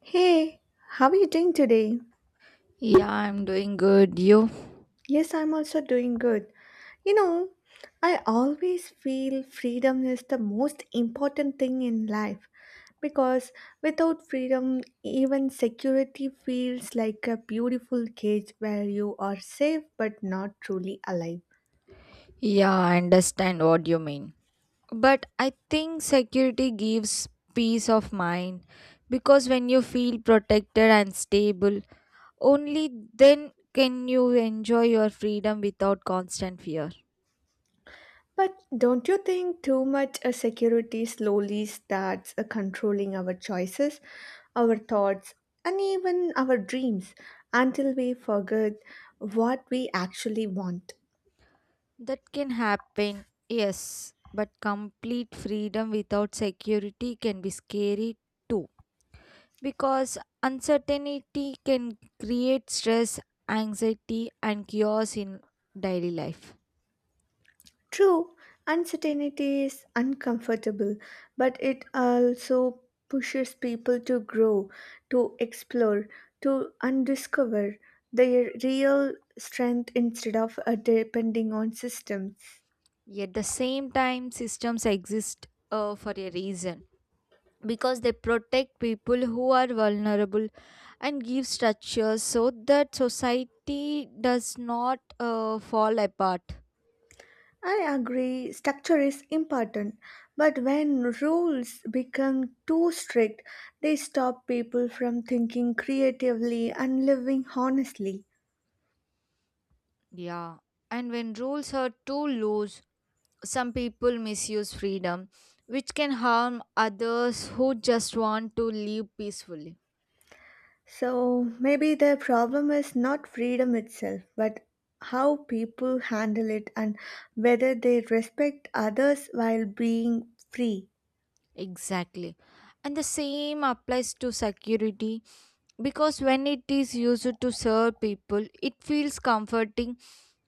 Hey, how are you doing today? Yeah, I'm doing good. You? Yes, I'm also doing good. You know, I always feel freedom is the most important thing in life because without freedom, even security feels like a beautiful cage where you are safe but not truly alive. Yeah, I understand what you mean. But I think security gives peace of mind because when you feel protected and stable, only then can you enjoy your freedom without constant fear. But don't you think too much a security slowly starts controlling our choices, our thoughts, and even our dreams until we forget what we actually want? That can happen, yes, but complete freedom without security can be scary too. Because uncertainty can create stress, anxiety, and chaos in daily life. True, uncertainty is uncomfortable, but it also pushes people to grow, to explore, to undiscover their real strength instead of depending on systems. Yet, the same time, systems exist for a reason because they protect people who are vulnerable and give structures so that society does not fall apart. I agree, structure is important, but when rules become too strict, they stop people from thinking creatively and living honestly. Yeah, and when rules are too loose, some people misuse freedom, which can harm others who just want to live peacefully. So maybe the problem is not freedom itself, but how people handle it and whether they respect others while being free. Exactly. And the same applies to security because when it is used to serve people, it feels comforting,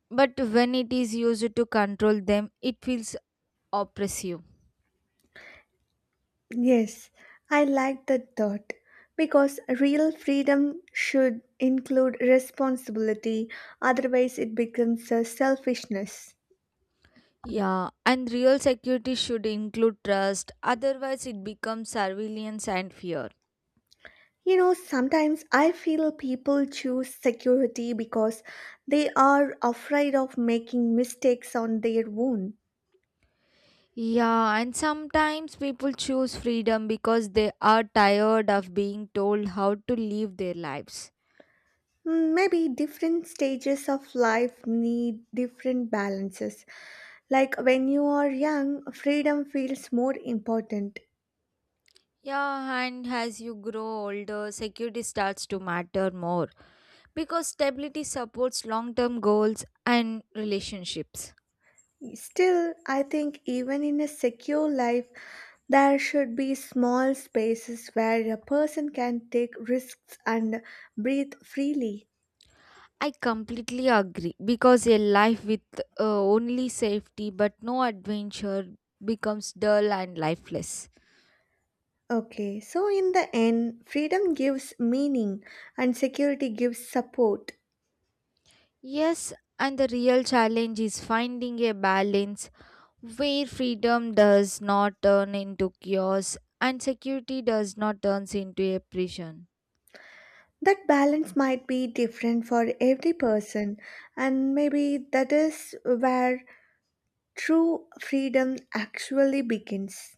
but when it is used to control them, it feels oppressive. Yes, I like that thought because real freedom should include responsibility, otherwise, it becomes a selfishness. Yeah, and real security should include trust, otherwise, it becomes surveillance and fear. You know, sometimes I feel people choose security because they are afraid of making mistakes on their own. Yeah, and sometimes people choose freedom because they are tired of being told how to live their lives. Mm, maybe different stages of life need different balances. Like when you are young, freedom feels more important. Yeah, and as you grow older, security starts to matter more because stability supports long term goals and relationships. Still, I think even in a secure life, there should be small spaces where a person can take risks and breathe freely. I completely agree because a life with only safety but no adventure becomes dull and lifeless. Okay, so in the end, freedom gives meaning and security gives support. Yes, and the real challenge is finding a balance where freedom does not turn into chaos and security does not turns into a prison. That balance might be different for every person, and maybe that is where true freedom actually begins.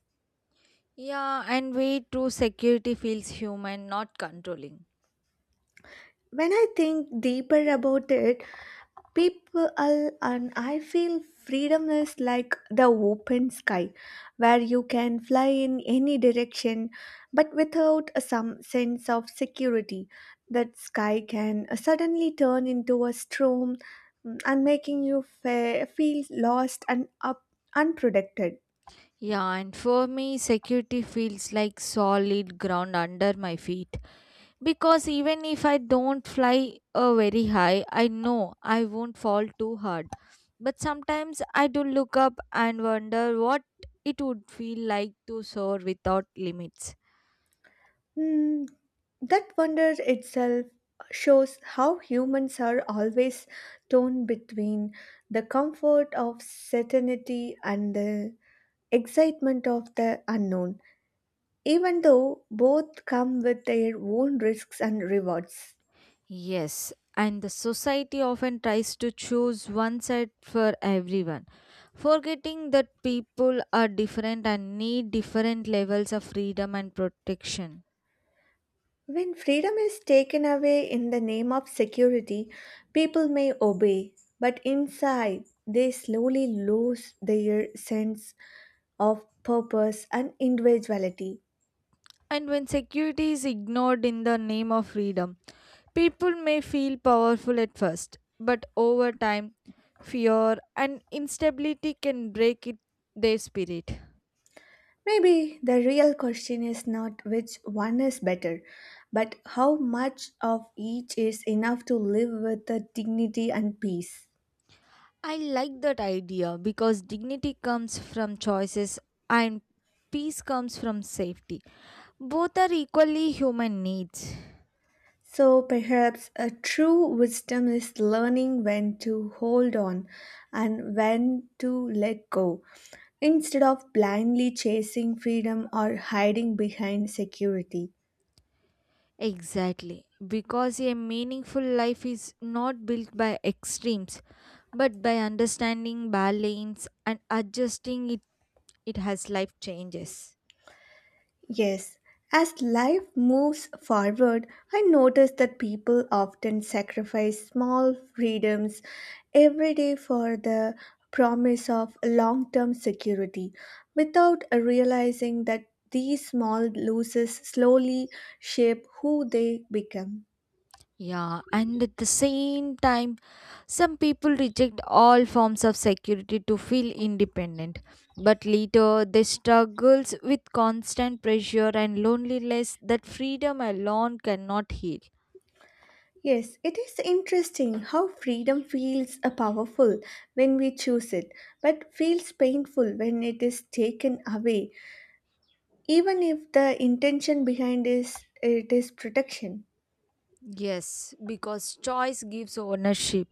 Yeah, and way true security feels human, not controlling. When I think deeper about it, people and I feel freedom is like the open sky where you can fly in any direction but without a some sense of security that sky can suddenly turn into a storm and making you feel lost and up unprotected. Yeah, and for me, security feels like solid ground under my feet. Because even if I don't fly very high, I know I won't fall too hard. But sometimes I do look up and wonder what it would feel like to soar without limits. Hmm, that wonder itself shows how humans are always torn between the comfort of certainty and the excitement of the unknown, even though both come with their own risks and rewards. Yes, and the society often tries to choose one side for everyone, forgetting that people are different and need different levels of freedom and protection. When freedom is taken away in the name of security, people may obey, but inside they slowly lose their sense of purpose and individuality. And when security is ignored in the name of freedom, people may feel powerful at first, but over time, fear and instability can break it, their spirit. Maybe the real question is not which one is better, but how much of each is enough to live with the dignity and peace. I like that idea because dignity comes from choices and peace comes from safety. Both are equally human needs. So perhaps a true wisdom is learning when to hold on and when to let go, instead of blindly chasing freedom or hiding behind security. Exactly. Because a meaningful life is not built by extremes, but by understanding balance and adjusting it, it has life changes. Yes, as life moves forward, I notice that people often sacrifice small freedoms every day for the promise of long term security without realizing that these small losses slowly shape who they become. Yeah, and at the same time, some people reject all forms of security to feel independent. But later, they struggles with constant pressure and loneliness that freedom alone cannot heal. Yes, it is interesting how freedom feels powerful when we choose it, but feels painful when it is taken away even if the intention behind is it is protection. Yes, because choice gives ownership,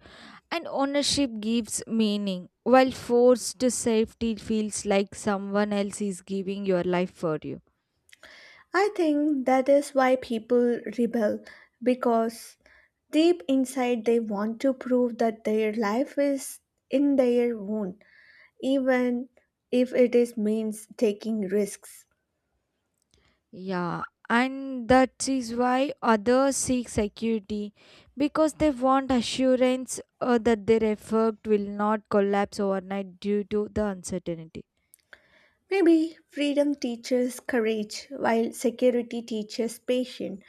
and ownership gives meaning, while forced safety feels like someone else is giving your life for you. I think that is why people rebel because deep inside they want to prove that their life is in their own even if it is means taking risks. Yeah, and that is why others seek security because they want assurance that their effort will not collapse overnight due to the uncertainty. Maybe freedom teaches courage while security teaches patience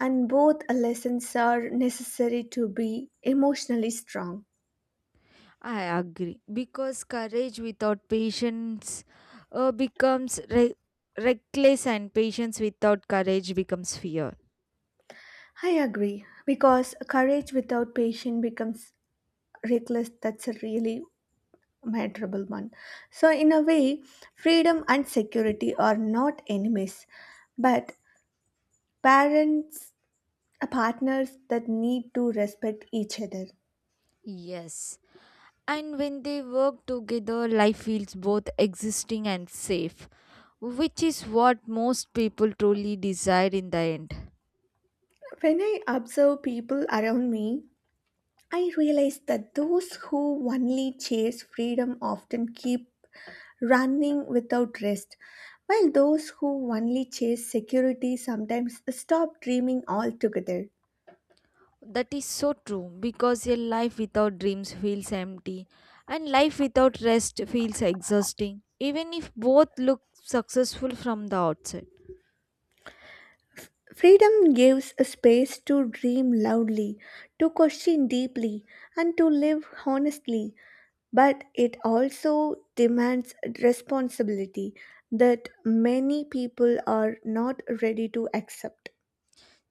and both lessons are necessary to be emotionally strong. I agree because courage without patience becomes reckless, and patience without courage becomes fear. I agree because courage without patience becomes reckless. That's a really miserable one. So, in a way, freedom and security are not enemies, but parents, partners that need to respect each other. Yes. And when they work together, life feels both existing and safe, which is what most people truly desire in the end. When I observe people around me, I realize that those who only chase freedom often keep running without rest, while those who only chase security sometimes stop dreaming altogether. That is so true because a life without dreams feels empty and life without rest feels exhausting, even if both look successful from the outset. Freedom gives a space to dream loudly, to question deeply, and to live honestly, but it also demands responsibility that many people are not ready to accept.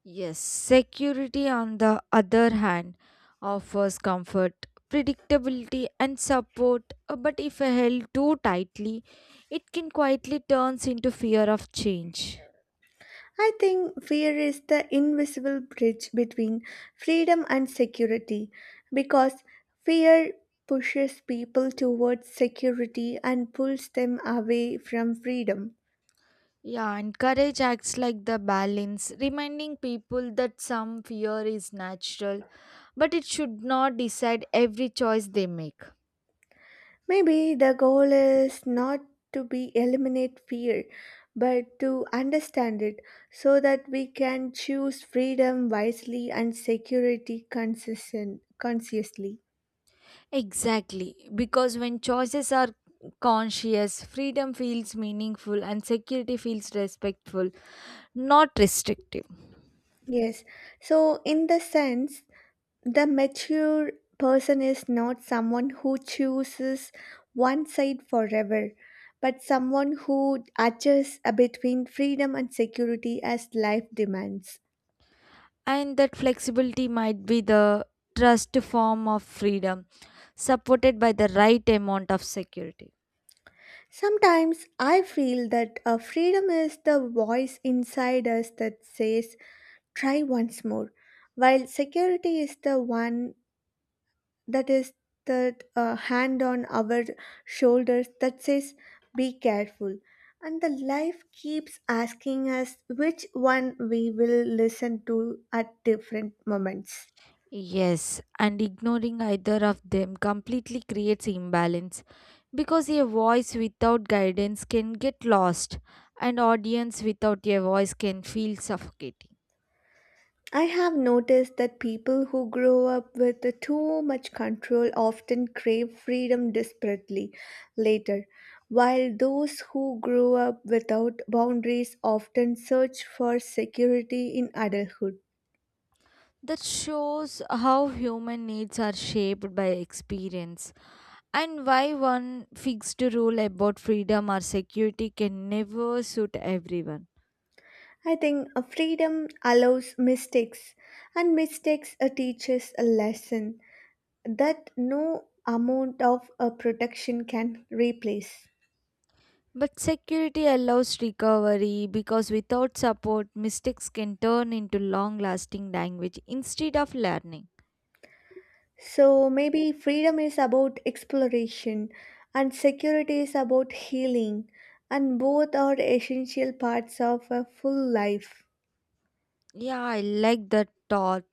Yes, security on the other hand offers comfort, predictability, and support, but if held too tightly, it can quietly turns into fear of change. I think fear is the invisible bridge between freedom and security because fear pushes people towards security and pulls them away from freedom. Yeah, and courage acts like the balance, reminding people that some fear is natural, but it should not decide every choice they make. Maybe the goal is not to be eliminate fear but to understand it so that we can choose freedom wisely and security consistent consciously. Exactly, because when choices are conscious, freedom feels meaningful and security feels respectful, not restrictive. Yes. So in the sense the mature person is not someone who chooses one side forever, but someone who adjusts between freedom and security as life demands. And that flexibility might be the trust form of freedom, supported by the right amount of security. Sometimes I feel that freedom is the voice inside us that says, try once more, while security is the one that is that hand on our shoulders that says be careful and the life keeps asking us which one we will listen to at different moments. Yes, and ignoring either of them completely creates imbalance because a voice without guidance can get lost and audience without a voice can feel suffocating. I have noticed that people who grow up with too much control often crave freedom desperately later while those who grow up without boundaries often search for security in adulthood. That shows how human needs are shaped by experience and why one fixed rule about freedom or security can never suit everyone. I think freedom allows mistakes, and mistakes teaches a lesson that no amount of protection can replace. But security allows recovery because without support, mistakes can turn into long lasting language instead of learning. So maybe freedom is about exploration, and security is about healing, and both are essential parts of a full life. Yeah, I like that thought.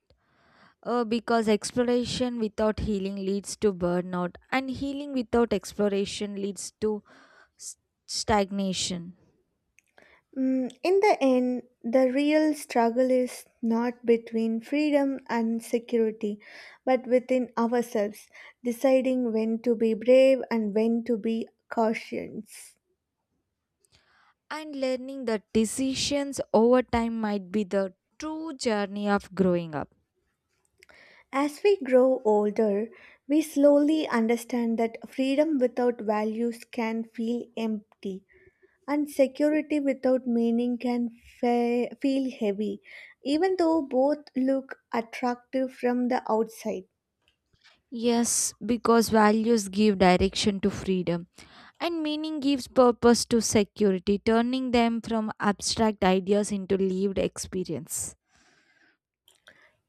Because exploration without healing leads to burnout, and healing without exploration leads to s- stagnation. Mm, in the end, the real struggle is not between freedom and security, but within ourselves, deciding when to be brave and when to be cautious. And learning that decisions over time might be the true journey of growing up. As we grow older, we slowly understand that freedom without values can feel empty, and security without meaning can feel heavy, even though both look attractive from the outside. Yes, because values give direction to freedom and meaning gives purpose to security, turning them from abstract ideas into lived experience.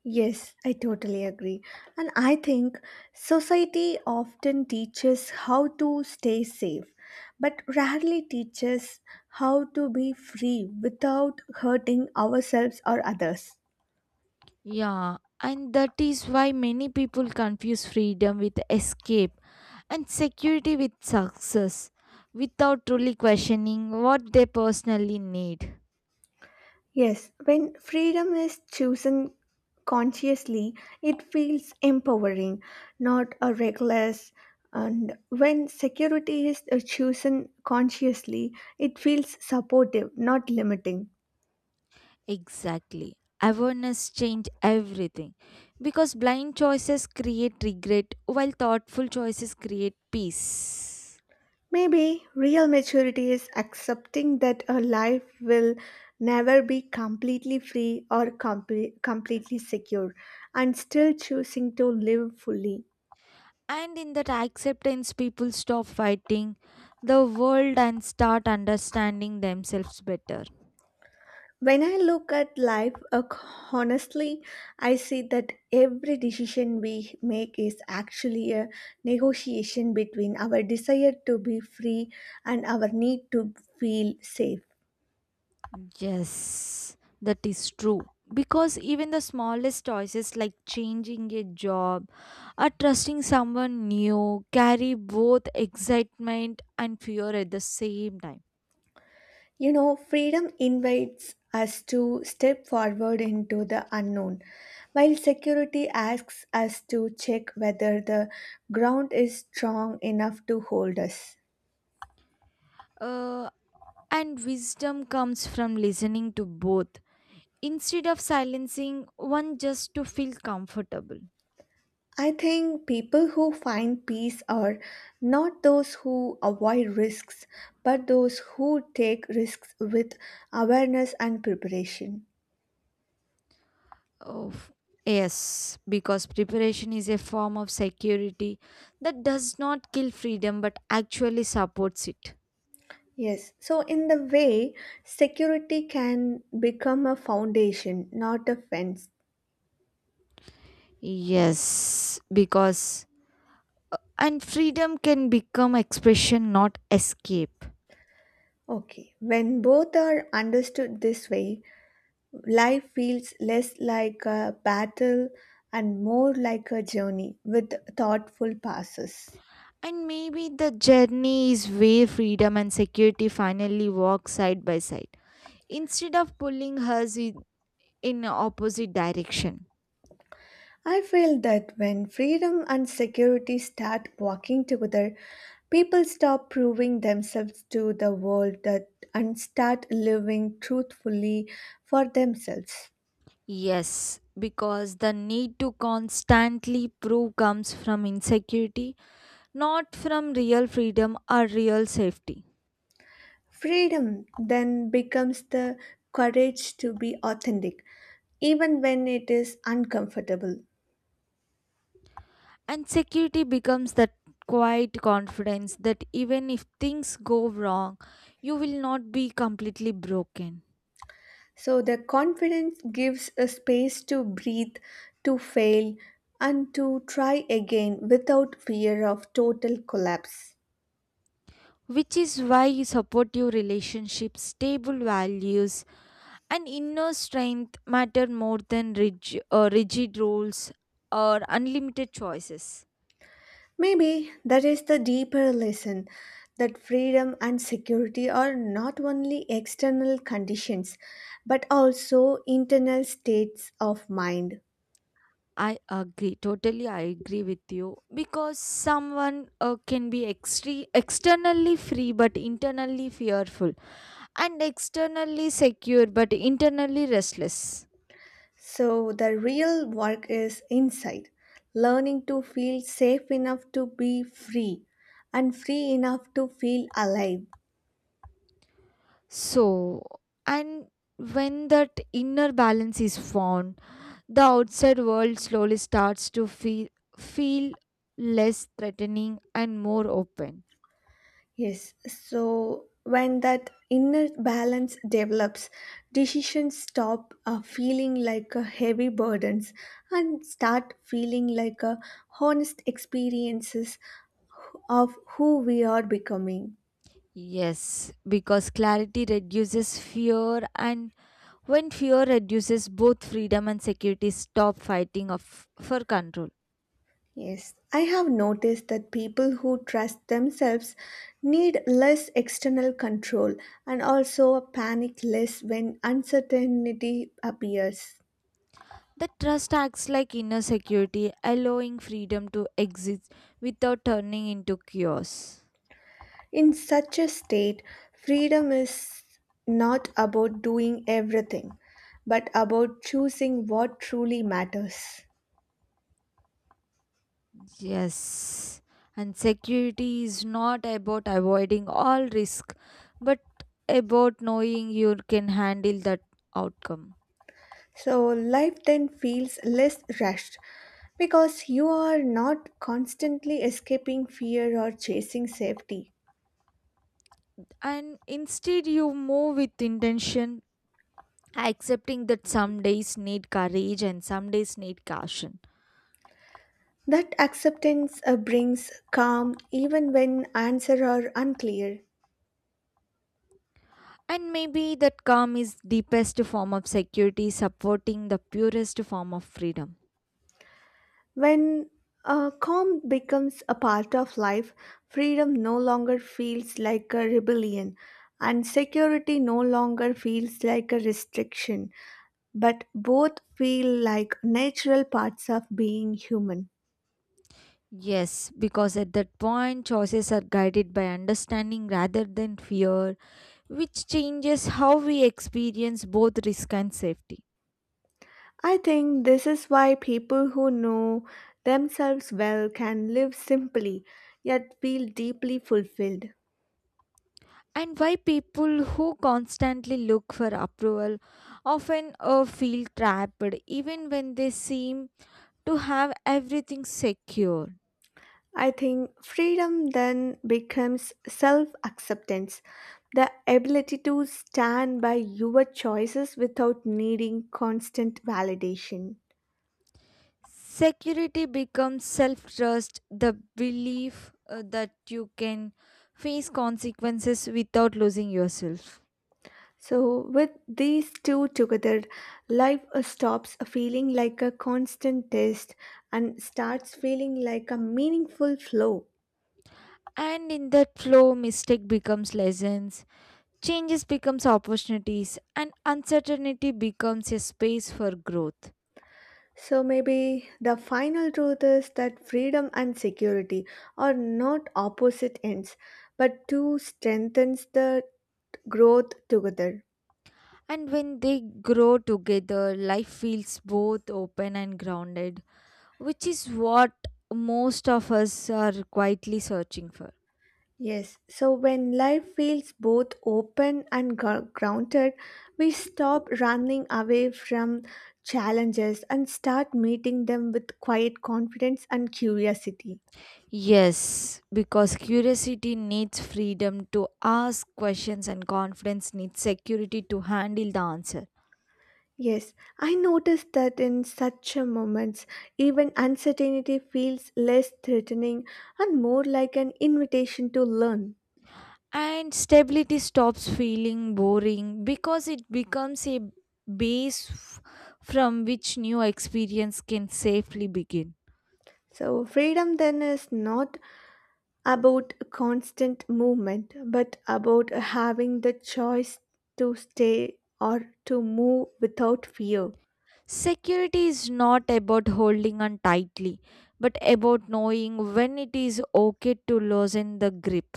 Yes, I totally agree. And I think society often teaches how to stay safe, but rarely teaches how to be free without hurting ourselves or others. Yeah, and that is why many people confuse freedom with escape and security with success without truly questioning what they personally need. Yes, when freedom is chosen consciously, it feels empowering, not a reckless. And when security is chosen consciously, it feels supportive, not limiting. Exactly. Awareness changed everything because blind choices create regret while thoughtful choices create peace. Maybe real maturity is accepting that a life will never be completely free or completely secure and still choosing to live fully. And in that acceptance, people stop fighting the world and start understanding themselves better. When I look at life honestly, I see that every decision we make is actually a negotiation between our desire to be free and our need to feel safe. Yes, that is true. Because even the smallest choices like changing a job or trusting someone new carry both excitement and fear at the same time. You know, freedom invites us to step forward into the unknown, while security asks us to check whether the ground is strong enough to hold us. Uh, And wisdom comes from listening to both instead of silencing one just to feel comfortable. I think people who find peace are not those who avoid risks, but those who take risks with awareness and preparation. Oh, yes, because preparation is a form of security that does not kill freedom but actually supports it. Yes, so in the way, security can become a foundation, not a fence. Yes, because and freedom can become expression, not escape. Okay, when both are understood this way, life feels less like a battle and more like a journey with thoughtful passes. And maybe the journey is where freedom and security finally walk side by side. Instead of pulling us in opposite direction. I feel that when freedom and security start walking together, people stop proving themselves to the world that, and start living truthfully for themselves. Yes, because the need to constantly prove comes from insecurity, not from real freedom or real safety. Freedom then becomes the courage to be authentic, even when it is uncomfortable. And security becomes that quiet confidence that even if things go wrong you will not be completely broken, So, the confidence gives a space to breathe, to fail, and to try again without fear of total collapse. which is why supportive relationships, stable values, and inner strength matter more than rigid rules or unlimited choices. Maybe that is the deeper lesson that freedom and security are not only external conditions but also internal states of mind. I agree. Totally, I agree with you. Because someone can be externally free but internally fearful, and externally secure but internally restless. So the real work is inside, learning to feel safe enough to be free and free enough to feel alive. So, and when that inner balance is found, the outside world slowly starts to feel less threatening and more open. Yes, so when that inner balance develops, decisions stop feeling like a heavy burdens and start feeling like a honest experiences of who we are becoming. Yes, because clarity reduces fear, and when fear reduces, both freedom and security stop fighting for control. Yes, I have noticed that people who trust themselves need less external control and also panic less when uncertainty appears. The trust acts like inner security, allowing freedom to exist without turning into chaos. In such a state, freedom is not about doing everything, but about choosing what truly matters. Yes. And security is not about avoiding all risk, but about knowing you can handle that outcome. So, life then feels less rushed because you are not constantly escaping fear or chasing safety. And instead, you move with intention, accepting that some days need courage and some days need caution. That acceptance brings calm even when answers are unclear. And maybe that calm is deepest form of security supporting the purest form of freedom. When calm becomes a part of life, freedom no longer feels like a rebellion and security no longer feels like a restriction, but both feel like natural parts of being human. Yes, because at that point choices are guided by understanding rather than fear, which changes how we experience both risk and safety. I think this is why people who know themselves well can live simply yet feel deeply fulfilled. And why people who constantly look for approval often feel trapped even when they seem to have everything secure. I think freedom then becomes self acceptance, the ability to stand by your choices without needing constant validation. Security becomes self trust, the belief that you can face consequences without losing yourself. So, with these two together, life stops feeling like a constant test and starts feeling like a meaningful flow. And in that flow, mistake becomes lessons, changes becomes opportunities, and uncertainty becomes a space for growth. So maybe the final truth is that freedom and security are not opposite ends, but two strengthens the growth together. And when they grow together, life feels both open and grounded, which is what most of us are quietly searching for. Yes, so when life feels both open and grounded, we stop running away from challenges and start meeting them with quiet confidence and curiosity. Yes, because curiosity needs freedom to ask questions and confidence needs security to handle the answer. Yes, I noticed that in such a moments, even uncertainty feels less threatening and more like an invitation to learn. And stability stops feeling boring because it becomes a base f- from which new experience can safely begin. So, freedom then is not about constant movement, but about having the choice to stay or to move without fear. Security is not about holding on tightly, but about knowing when it is okay to loosen the grip.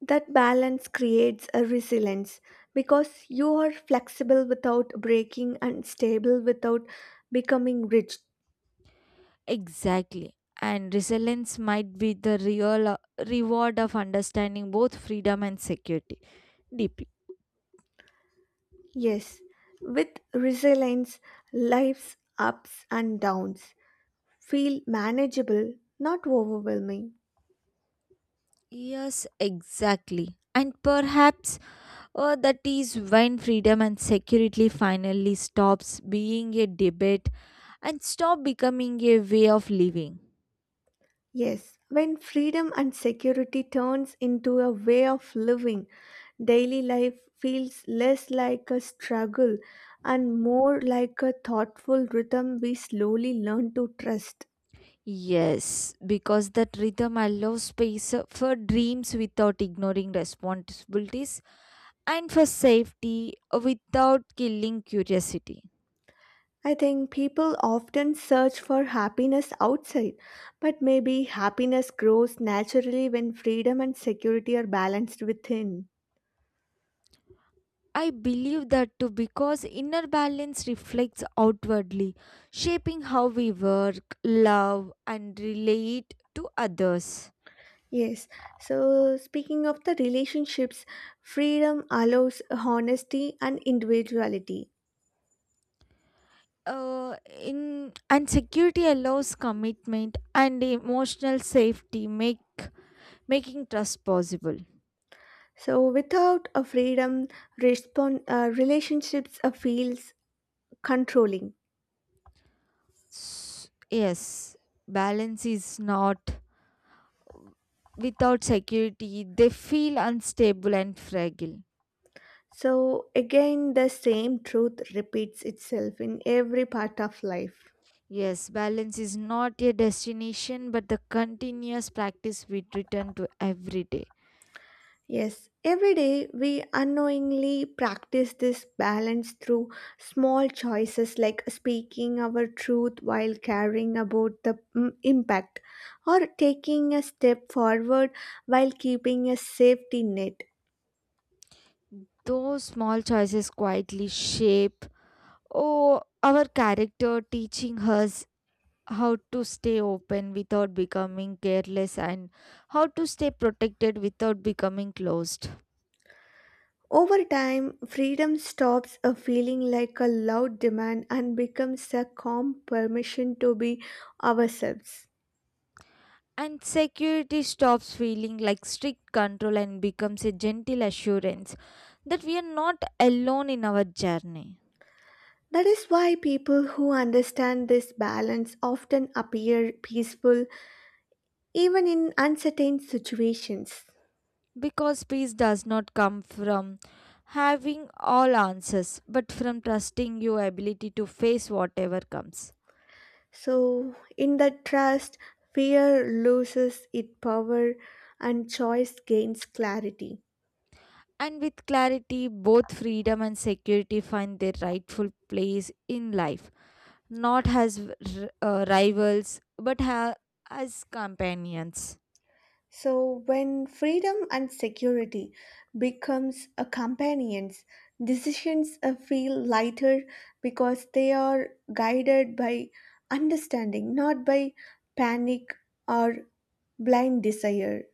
That balance creates a resilience because you are flexible without breaking and stable without becoming rigid. Exactly. And resilience might be the real reward of understanding both freedom and security deeply. Yes, with resilience, life's ups and downs feel manageable, not overwhelming. Yes, exactly. And perhaps that is when freedom and security finally stops being a debate and stop becoming a way of living. Yes, when freedom and security turns into a way of living, daily life feels less like a struggle and more like a thoughtful rhythm we slowly learn to trust. Yes, because that rhythm allows space for dreams without ignoring responsibilities and for safety without killing curiosity. I think people often search for happiness outside, but maybe happiness grows naturally when freedom and security are balanced within. I believe that too because inner balance reflects outwardly, shaping how we work, love, and relate to others. Yes, so speaking of the relationships, freedom allows honesty and individuality. In and security allows commitment and emotional safety, make making trust possible. So without a freedom, respond, relationships feels controlling. Yes, balance is not without security; they feel unstable and fragile. So again, the same truth repeats itself in every part of life. Yes, balance is not a destination but the continuous practice we return to every day. Yes, every day we unknowingly practice this balance through small choices like speaking our truth while caring about the impact or taking a step forward while keeping a safety net. Those small choices quietly shape, oh, our character, teaching us how to stay open without becoming careless and how to stay protected without becoming closed. Over time, freedom stops a feeling like a loud demand and becomes a calm permission to be ourselves. And security stops feeling like strict control and becomes a gentle assurance that we are not alone in our journey. That is why people who understand this balance often appear peaceful even in uncertain situations. Because peace does not come from having all answers, but from trusting your ability to face whatever comes. So, in that trust, fear loses its power and choice gains clarity. And with clarity, both freedom and security find their rightful place in life, not as rivals, but as companions. So, when freedom and security becomes a companions, decisions feel lighter because they are guided by understanding, not by panic or blind desire.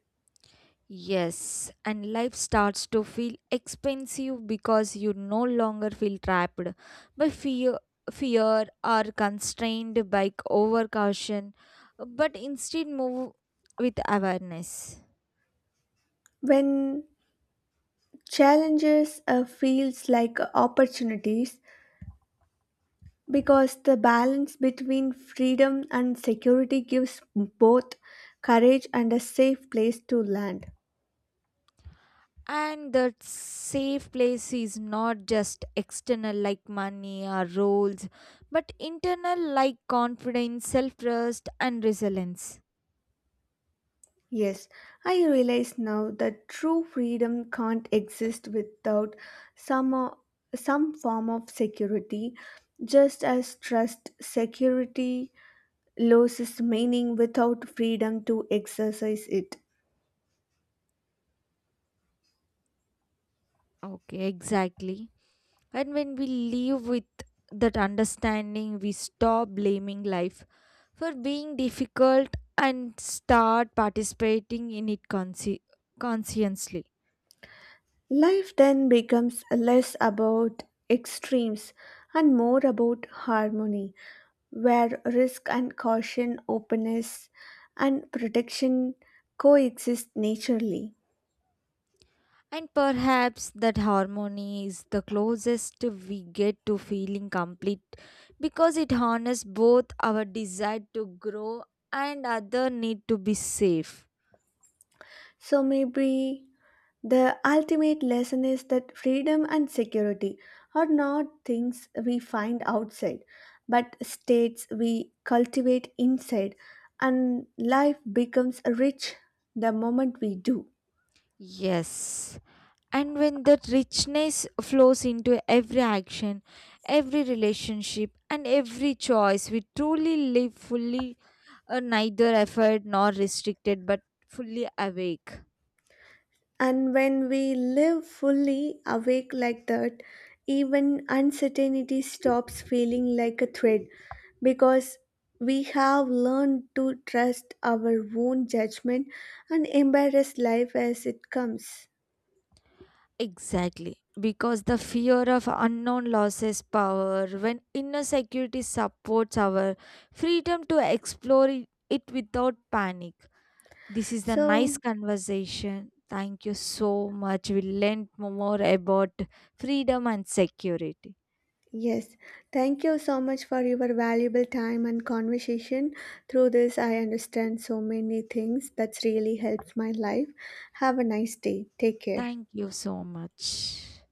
Yes, and life starts to feel expensive because you no longer feel trapped by fear or constrained by overcaution, but instead move with awareness. When challenges feels like opportunities, because the balance between freedom and security gives both courage and a safe place to land. And that safe place is not just external like money or roles, but internal like confidence, self trust, and resilience. Yes, I realize now that true freedom can't exist without some, o- some form of security, just as trust security loses meaning without freedom to exercise it. Okay, exactly. And when we live with that understanding, we stop blaming life for being difficult and start participating in it consciously. Life then becomes less about extremes and more about harmony, where risk and caution, openness and protection coexist naturally. And perhaps that harmony is the closest we get to feeling complete because it honors both our desire to grow and other need to be safe. So maybe the ultimate lesson is that freedom and security are not things we find outside, but states we cultivate inside, and life becomes rich the moment we do. Yes, and when that richness flows into every action, every relationship, and every choice, we truly live fully, neither effort nor restricted, but fully awake. And when we live fully awake like that, even uncertainty stops feeling like a threat because we have learned to trust our own judgment and embrace life as it comes. Exactly. Because the fear of unknown losses power when inner security supports our freedom to explore it without panic. This is the So, nice conversation. Thank you so much. We learned more about freedom and security. yes, thank you so much for your valuable time and conversation. Through this, I understand so many things that's really helped my life. Have a nice day. Take care. Thank you so much.